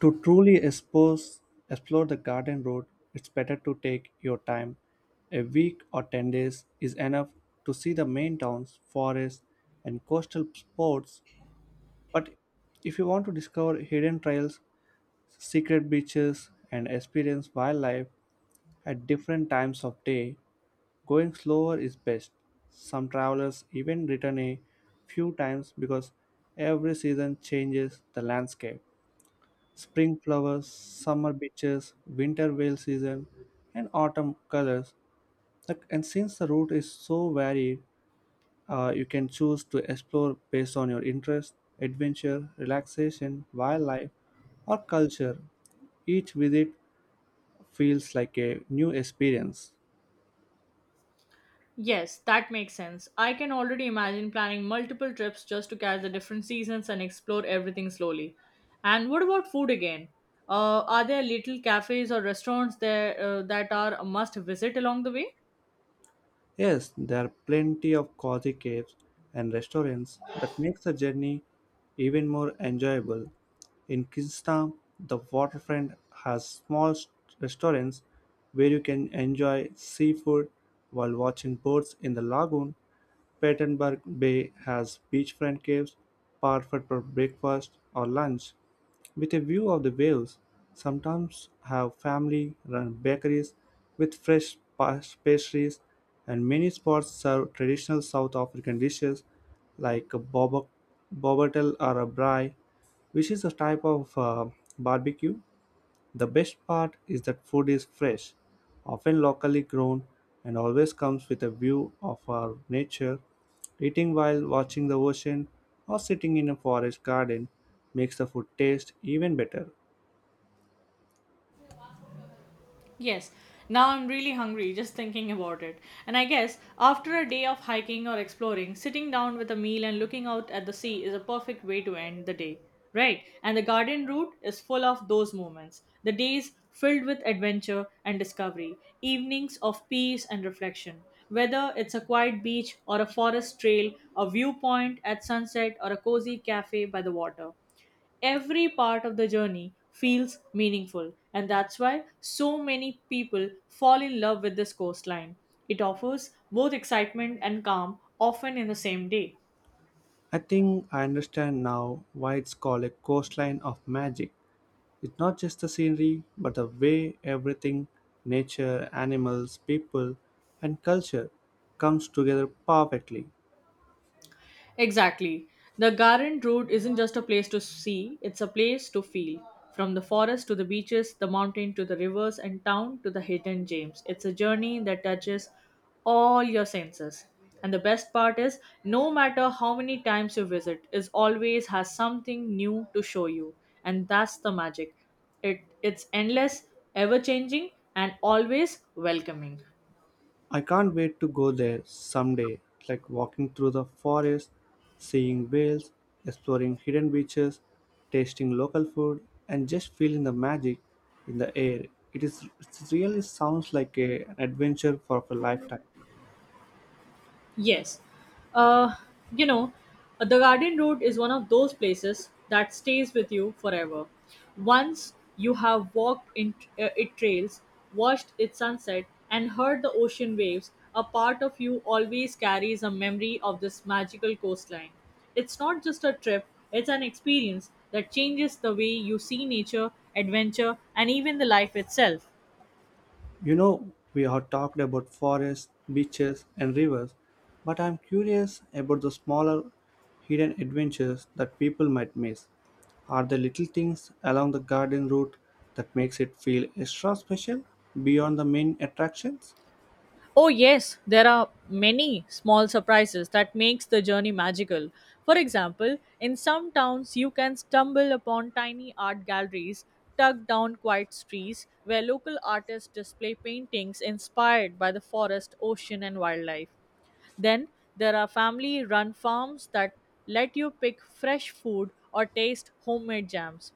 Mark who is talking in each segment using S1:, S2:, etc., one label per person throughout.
S1: To explore the garden route, it's better to take your time. A week or 10 days is enough to see the main towns, forests, and coastal spots. But if you want to discover hidden trails, secret beaches, and experience wildlife at different times of day, going slower is best. Some travelers even return a few times because every season changes the landscape: spring flowers, summer beaches, winter whale season, and autumn colors. Like, and since the route is so varied, you can choose to explore based on your interest: adventure, relaxation, wildlife, or culture. Each visit feels like a new experience.
S2: Yes, that makes sense. I can already imagine planning multiple trips just to catch the different seasons and explore everything slowly. And what about food again? Are there little cafes or restaurants there that are a must visit along the way?
S1: Yes, there are plenty of cozy caves and restaurants that makes the journey even more enjoyable. In Kingstown, the waterfront has restaurants where you can enjoy seafood while watching boats in the lagoon. Pattenberg Bay has beachfront caves, perfect for breakfast or lunch, with a view of the waves. Sometimes have family run bakeries with fresh pastries, and many spots serve traditional South African dishes like a bobatel or a braai, which is a type of barbecue. The best part is that food is fresh, often locally grown, and always comes with a view of our nature. Eating while watching the ocean or sitting in a forest garden makes the food taste even better.
S2: Yes, now I'm really hungry just thinking about it. And I guess after a day of hiking or exploring, sitting down with a meal and looking out at the sea is a perfect way to end the day. Right, and the garden route is full of those moments. The days filled with adventure and discovery, evenings of peace and reflection. Whether it's a quiet beach or a forest trail, a viewpoint at sunset, or a cozy cafe by the water, every part of the journey feels meaningful, and that's why so many people fall in love with this coastline. It offers both excitement and calm, often in the same day.
S1: I think I understand now why it's called a coastline of magic. It's not just the scenery, but the way everything, nature, animals, people, and culture, comes together perfectly.
S2: Exactly. The Garand route isn't just a place to see, it's a place to feel. From the forest to the beaches, the mountain to the rivers, and town to the hidden gems. It's a journey that touches all your senses. And the best part is, no matter how many times you visit, it always has something new to show you. And that's the magic. It's endless, ever changing, and always welcoming.
S1: I can't wait to go there someday, like walking through the forest, seeing whales, exploring hidden beaches, tasting local food, and just feeling the magic in the air. It really sounds like an adventure for a lifetime.
S2: Yes. Uh, you know, the garden route is one of those places that stays with you forever. Once you have walked in its trails, watched its sunset, and heard the ocean waves, a part of you always carries a memory of this magical coastline. It's not just a trip, it's an experience that changes the way you see nature, adventure, and even the life itself.
S1: You know, we have talked about forests, beaches, and rivers, but I'm curious about the smaller, hidden adventures that people might miss. Are there little things along the garden route that makes it feel extra special beyond the main attractions?
S2: Oh yes, there are many small surprises that makes the journey magical. For example, in some towns you can stumble upon tiny art galleries tucked down quiet streets where local artists display paintings inspired by the forest, ocean and wildlife. Then there are family run farms that let you pick fresh food or taste homemade jams.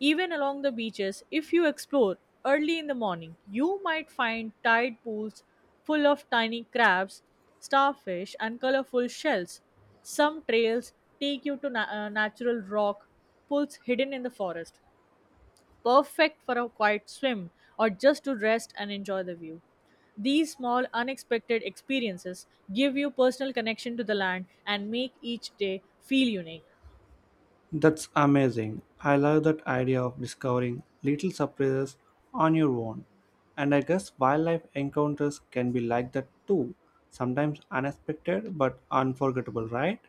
S2: Even along the beaches, if you explore early in the morning, you might find tide pools full of tiny crabs, starfish, and colorful shells. Some trails take you to natural rock pools hidden in the forest, perfect for a quiet swim or just to rest and enjoy the view. These small, unexpected experiences give you personal connection to the land and make each day feel unique.
S1: That's amazing. I love that idea of discovering little surprises on your own. And I guess wildlife encounters can be like that too. Sometimes unexpected but unforgettable, right?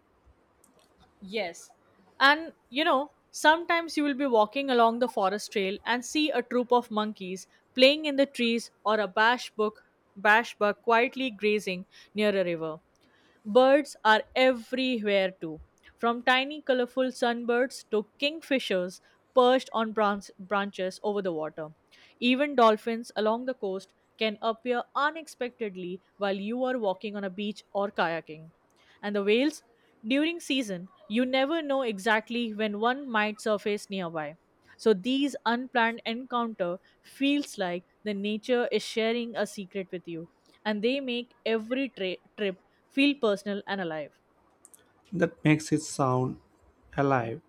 S2: Yes. And you know, sometimes you will be walking along the forest trail and see a troop of monkeys playing in the trees or a bash buck quietly grazing near a river. Birds are everywhere too, from tiny colorful sunbirds to kingfishers perched on branches over the water. Even dolphins along the coast can appear unexpectedly while you are walking on a beach or kayaking, and the whales during season, you never know exactly when one might surface nearby. So these unplanned encounter feels like the nature is sharing a secret with you, and they make every trip feel personal and alive.
S1: That makes it sound alive.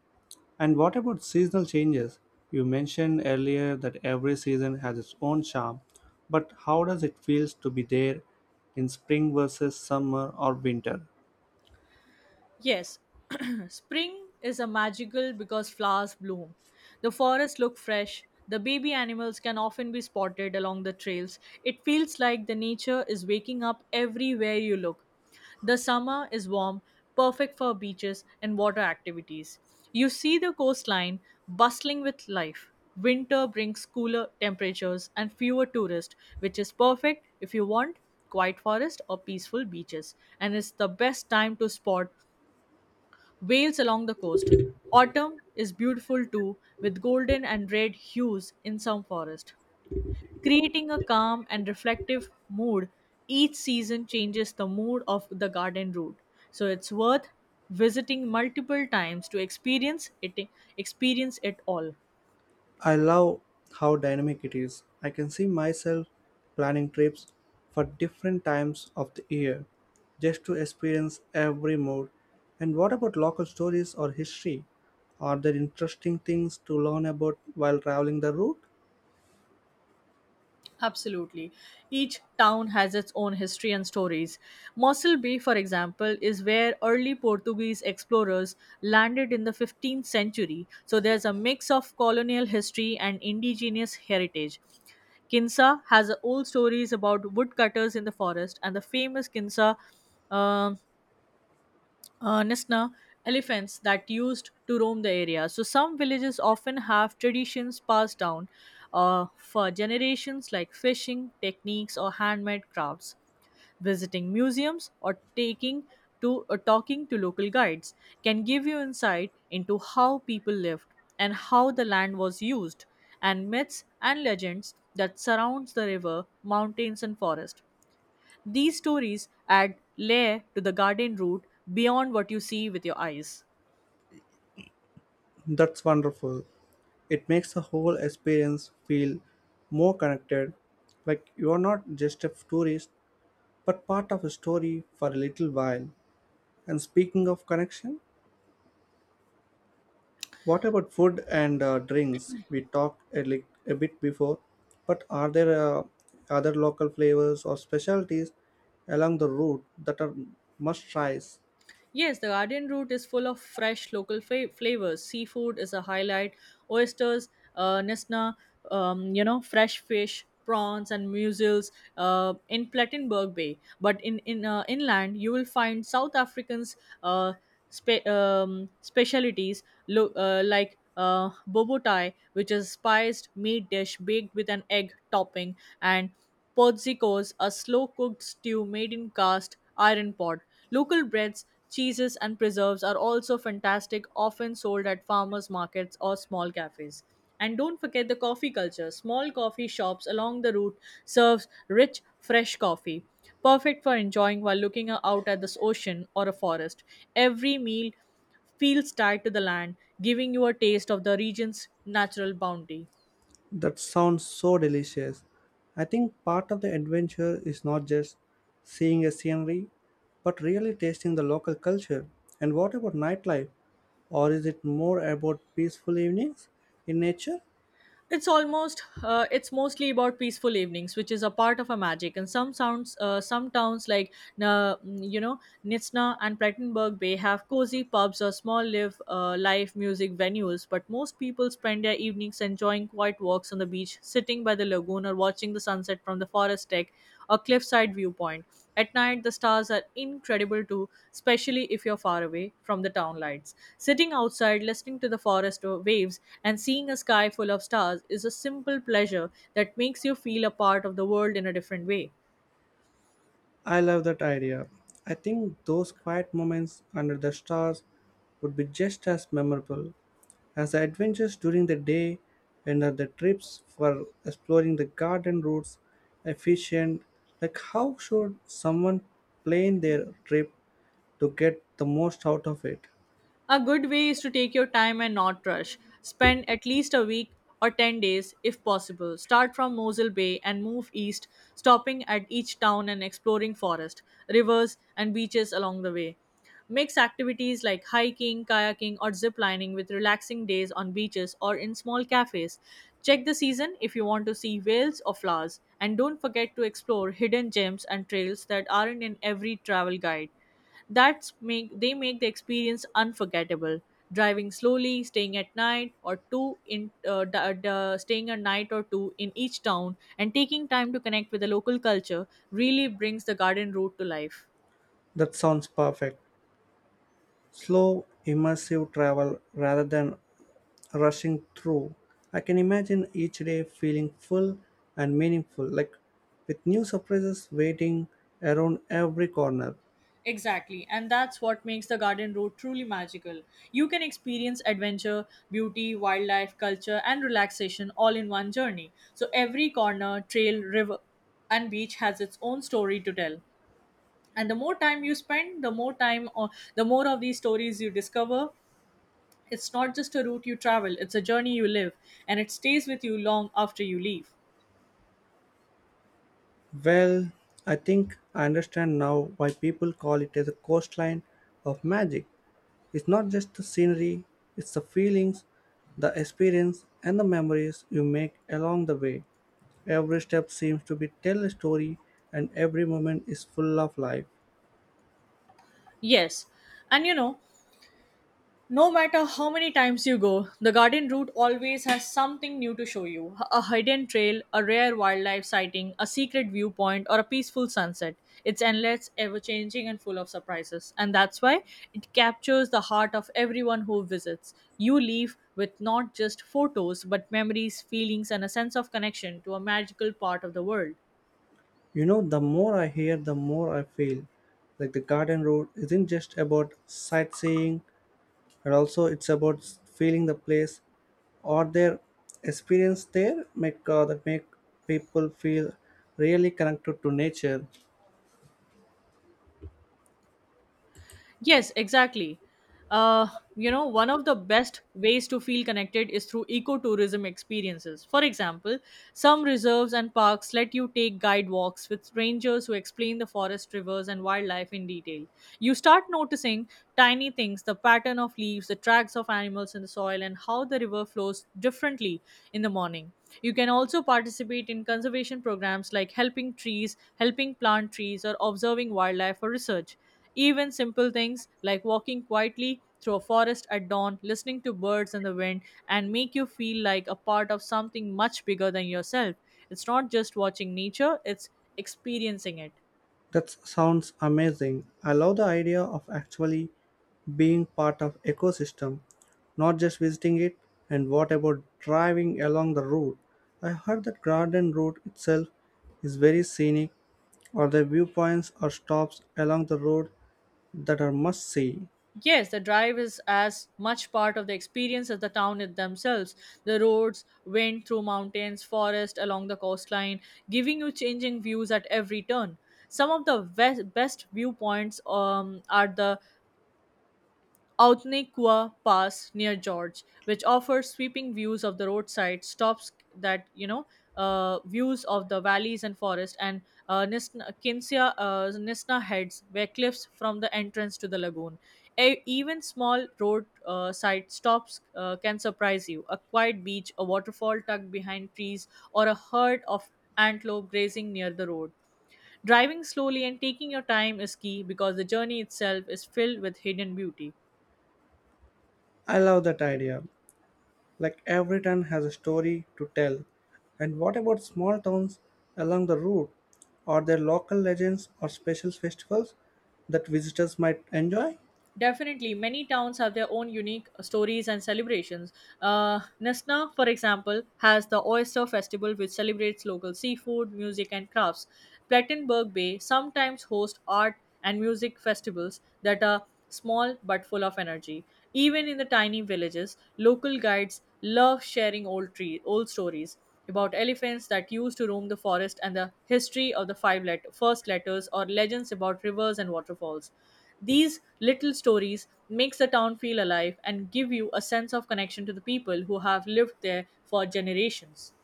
S1: And what about seasonal changes? You mentioned earlier that every season has its own charm, but how does it feels to be there in spring versus summer or winter?
S2: Yes, spring is a magical because flowers bloom. The forests look fresh. The baby animals can often be spotted along the trails. It feels like the nature is waking up everywhere you look. The summer is warm, perfect for beaches and water activities. You see the coastline bustling with life. Winter brings cooler temperatures and fewer tourists, which is perfect if you want quiet forest or peaceful beaches, and it's the best time to spot Wales along the coast. Autumn is beautiful too, with golden and red hues in some forests. Creating a calm and reflective mood, each season changes the mood of the garden route. So it's worth visiting multiple times to experience it all.
S1: I love how dynamic it is. I can see myself planning trips for different times of the year just to experience every mood. And what about local stories or history? Are there interesting things to learn about while traveling the route?
S2: Absolutely. Each town has its own history and stories. Mossel Bay, for example, is where early Portuguese explorers landed in the 15th century, so there's a mix of colonial history and indigenous heritage. Kinsa has old stories about woodcutters in the forest, and the famous Kinsa um, Nesna elephants that used to roam the area. So some villages often have traditions passed down for generations, like fishing techniques or handmade crafts. Visiting museums or taking to or talking to local guides can give you insight into how people lived and how the land was used, and myths and legends that surrounds the river, mountains and forest. These stories add layer to the garden route beyond what you see with your eyes.
S1: That's wonderful. It makes the whole experience feel more connected, like you're not just a tourist, but part of a story for a little while. And speaking of connection, what about food and drinks? We talked a bit before, but are there other local flavors or specialties along the route that are must tries?
S2: Yes, the garden route is full of fresh local flavors. Seafood is a highlight. Oysters, nesna, fresh fish, prawns, and mussels in Plattenberg Bay. But in inland, you will find South Africans' uh, specialities like bobotai, which is spiced meat dish baked with an egg topping, and Podzikos, a slow cooked stew made in cast iron pot. Local breads, cheeses, and preserves are also fantastic, often sold at farmers markets or small cafes. And don't forget the coffee culture. Small coffee shops along the route serves rich, fresh coffee, perfect for enjoying while looking out at the ocean or a forest. Every meal feels tied to the land, giving you a taste of the region's natural bounty.
S1: That sounds so delicious. I think part of the adventure is not just seeing a scenery, but really tasting the local culture. And what about nightlife? Or is it more about peaceful evenings in nature?
S2: It's mostly about peaceful evenings, which is a part of a magic. And some towns like uh, mm, you know Nizhna and Plettenberg Bay have cozy pubs or small live music venues. But most people spend their evenings enjoying quiet walks on the beach, sitting by the lagoon, or watching the sunset from the forest deck, or cliffside viewpoint. At night, the stars are incredible too, especially if you're far away from the town lights. Sitting outside, listening to the forest waves, and seeing a sky full of stars is a simple pleasure that makes you feel a part of the world in a different way.
S1: I love that idea. I think those quiet moments under the stars would be just as memorable as the adventures during the day and the trips for exploring the garden routes efficient. Like, how should someone plan their trip to get the most out of it?
S2: A good way is to take your time and not rush. Spend at least a week or 10 days if possible. Start from Mosul Bay and move east, stopping at each town and exploring forest, rivers, and beaches along the way. Mix activities like hiking, kayaking, or zip lining with relaxing days on beaches or in small cafes. Check the season if you want to see whales or flowers, and don't forget to explore hidden gems and trails that aren't in every travel guide. That's make they make the experience unforgettable. Driving slowly, staying at night or two in d- d- staying a night or two in each town, and taking time to connect with the local culture really brings the garden route to life.
S1: That sounds perfect. Slow, immersive travel rather than rushing through. I can imagine each day feeling full and meaningful, like with new surprises waiting around every corner.
S2: Exactly, and that's what makes the garden road truly magical. You can experience adventure, beauty, wildlife, culture, and relaxation all in one journey. So every corner, trail, river, and beach has its own story to tell. And the more time you spend the more time or the more of these stories you discover, it's not just a route you travel, it's a journey you live, and it stays with you long after you leave.
S1: Well, I think I understand now why people call it as a coastline of magic. It's not just the scenery, it's the feelings, the experience, and the memories you make along the way. Every step seems to be tell a story, and every moment is full of life.
S2: Yes, and you know, no matter how many times you go, the garden route always has something new to show you, a hidden trail, a rare wildlife sighting, a secret viewpoint, or a peaceful sunset. It's endless, ever changing, and full of surprises. And that's why it captures the heart of everyone who visits. You leave with not just photos, but memories, feelings, and a sense of connection to a magical part of the world.
S1: You know, the more I hear, the more I feel like the garden road isn't just about sightseeing, but also it's about feeling the place or their experience there make that make people feel really connected to nature.
S2: Yes, exactly. Uh, you know, one of the best ways to feel connected is through ecotourism experiences. For example, some reserves and parks let you take guide walks with strangers who explain the forest, rivers, and wildlife in detail. You start noticing tiny things, the pattern of leaves, the tracks of animals in the soil, and how the river flows differently in the morning. You can also participate in conservation programs like helping plant trees, or observing wildlife for research. Even simple things like walking quietly through a forest at dawn, listening to birds and the wind, and make you feel like a part of something much bigger than yourself. It's not just watching nature, it's experiencing it.
S1: That sounds amazing. I love the idea of actually being part of ecosystem, not just visiting it. And what about driving along the route? I heard that garden route itself is very scenic. Or the viewpoints or stops along the road that are must see.
S2: Yes, the drive is as much part of the experience as the town it themselves. The roads wind through mountains, forest along the coastline, giving you changing views at every turn. Some of the best viewpoints are the Outaniqua Pass near George, which offers sweeping views of the roadside stops, that you know views of the valleys and forest, and Nisna Heads, where cliffs from the entrance to the lagoon. Even small roadside side stops can surprise you. A quiet beach, a waterfall tucked behind trees, or a herd of antelope grazing near the road. Driving slowly and taking your time is key because the journey itself is filled with hidden beauty.
S1: I love that idea. Like every town has a story to tell. And what about small towns along the route? Are there local legends or special festivals that visitors might enjoy?
S2: Definitely, many towns have their own unique stories and celebrations. Nesna, for example, has the Oyster Festival, which celebrates local seafood, music, and crafts. Plattenberg Bay sometimes hosts art and music festivals that are small but full of energy. Even in the tiny villages, local guides love sharing old stories about elephants that used to roam the forest and the history of the first letters or legends about rivers and waterfalls. These little stories makes the town feel alive and give you a sense of connection to the people who have lived there for generations.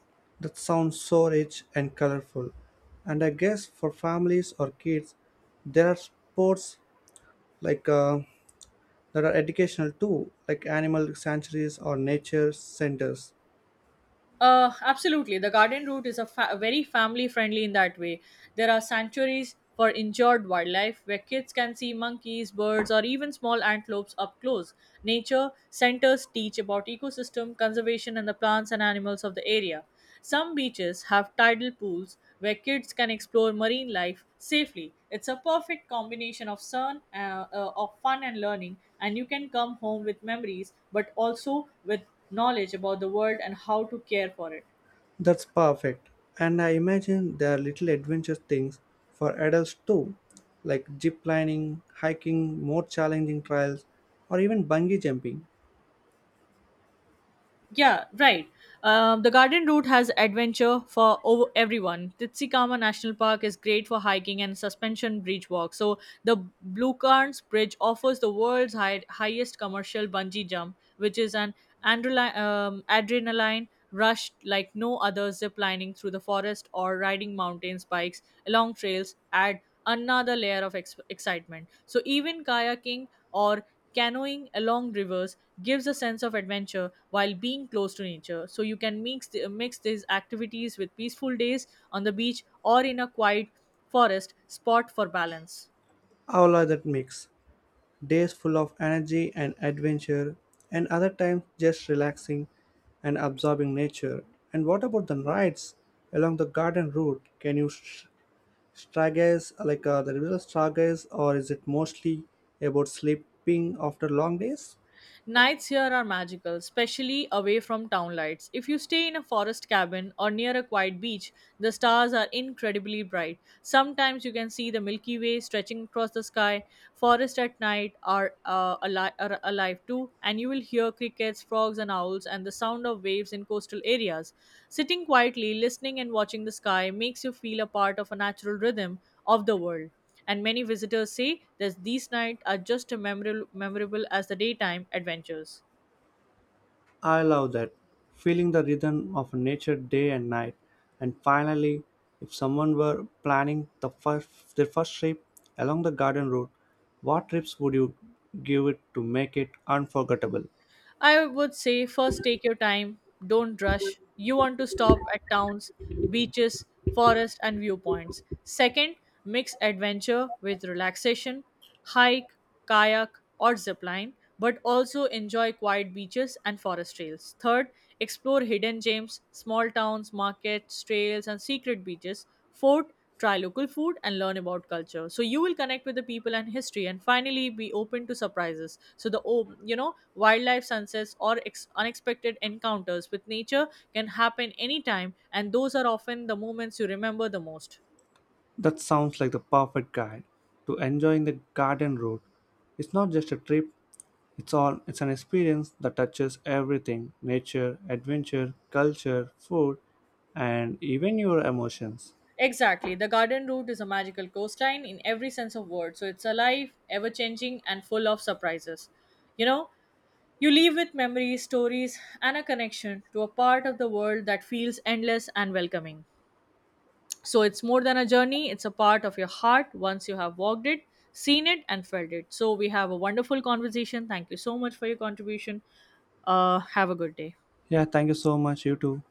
S1: That sounds so rich and colorful. And I guess for families or kids, there are sports like that are educational too, like animal sanctuaries or nature centers.
S2: Absolutely. The garden route is very family friendly in that way. There are sanctuaries for injured wildlife where kids can see monkeys, birds, or even small antelopes up close. Nature centers teach about ecosystem, conservation, and the plants and animals of the area. Some beaches have tidal pools where kids can explore marine life safely. It's a perfect combination of fun and learning, and you can come home with memories, but also with knowledge about the world and how to care for it.
S1: That's perfect. And I imagine there are little adventure things for adults too, like zip lining, hiking, more challenging trials, or even bungee jumping.
S2: Yeah, right. The garden route has adventure for over everyone. Titsikama National Park is great for hiking and suspension bridge walk. So the Blue Cairns Bridge offers the highest commercial bungee jump, which is an adrenaline rush like no other. Zip lining through the forest or riding mountain spikes along trails add another excitement. So even kayaking or canoeing along rivers gives a sense of adventure while being close to nature. So you can mix these activities with peaceful days on the beach or in a quiet forest spot for balance.
S1: All are that mix. Days full of energy and adventure, and other times just relaxing and absorbing nature. And what about the rides along the garden route? Can you stargaze like the river stargaze, or is it mostly about sleeping after long days?
S2: Nights here are magical, especially away from town lights. If you stay in a forest cabin or near a quiet beach, the stars are incredibly bright. Sometimes you can see the Milky Way stretching across the sky. Forests at night are alive too, and you will hear crickets, frogs, and owls, and the sound of waves in coastal areas. Sitting quietly, listening, and watching the sky makes you feel a part of a natural rhythm of the world, and many visitors say that these nights are just as memorable as the daytime adventures.
S1: I love that. Feeling the rhythm of nature day and night. And finally, if someone were planning their first trip along the garden route, what trips would you give it to make it unforgettable?
S2: I would say first, take your time, don't rush. You want to stop at towns, beaches, forests, and viewpoints. Second, mix adventure with relaxation, hike, kayak, or zipline, but also enjoy quiet beaches and forest trails. Third, explore hidden gems, small towns, markets, trails, and secret beaches. Fourth, try local food and learn about culture so you will connect with the people and history, and finally be open to surprises. So the wildlife, sunsets, or unexpected encounters with nature can happen anytime, and those are often the moments you remember the most.
S1: That sounds like the perfect guide to enjoying the garden route. It's not just a trip, it's an experience that touches everything: nature, adventure, culture, food, and even your emotions.
S2: Exactly, the garden route is a magical coastline in every sense of word. So it's alive, ever changing and full of surprises you know you leave with memories, stories, and a connection to a part of the world that feels endless and welcoming. So it's more than a journey, it's a part of your heart once you have walked it, seen it, and felt it. So we have a wonderful conversation. Thank you so much for your contribution. Have a good day.
S1: Yeah, thank you so much, you too.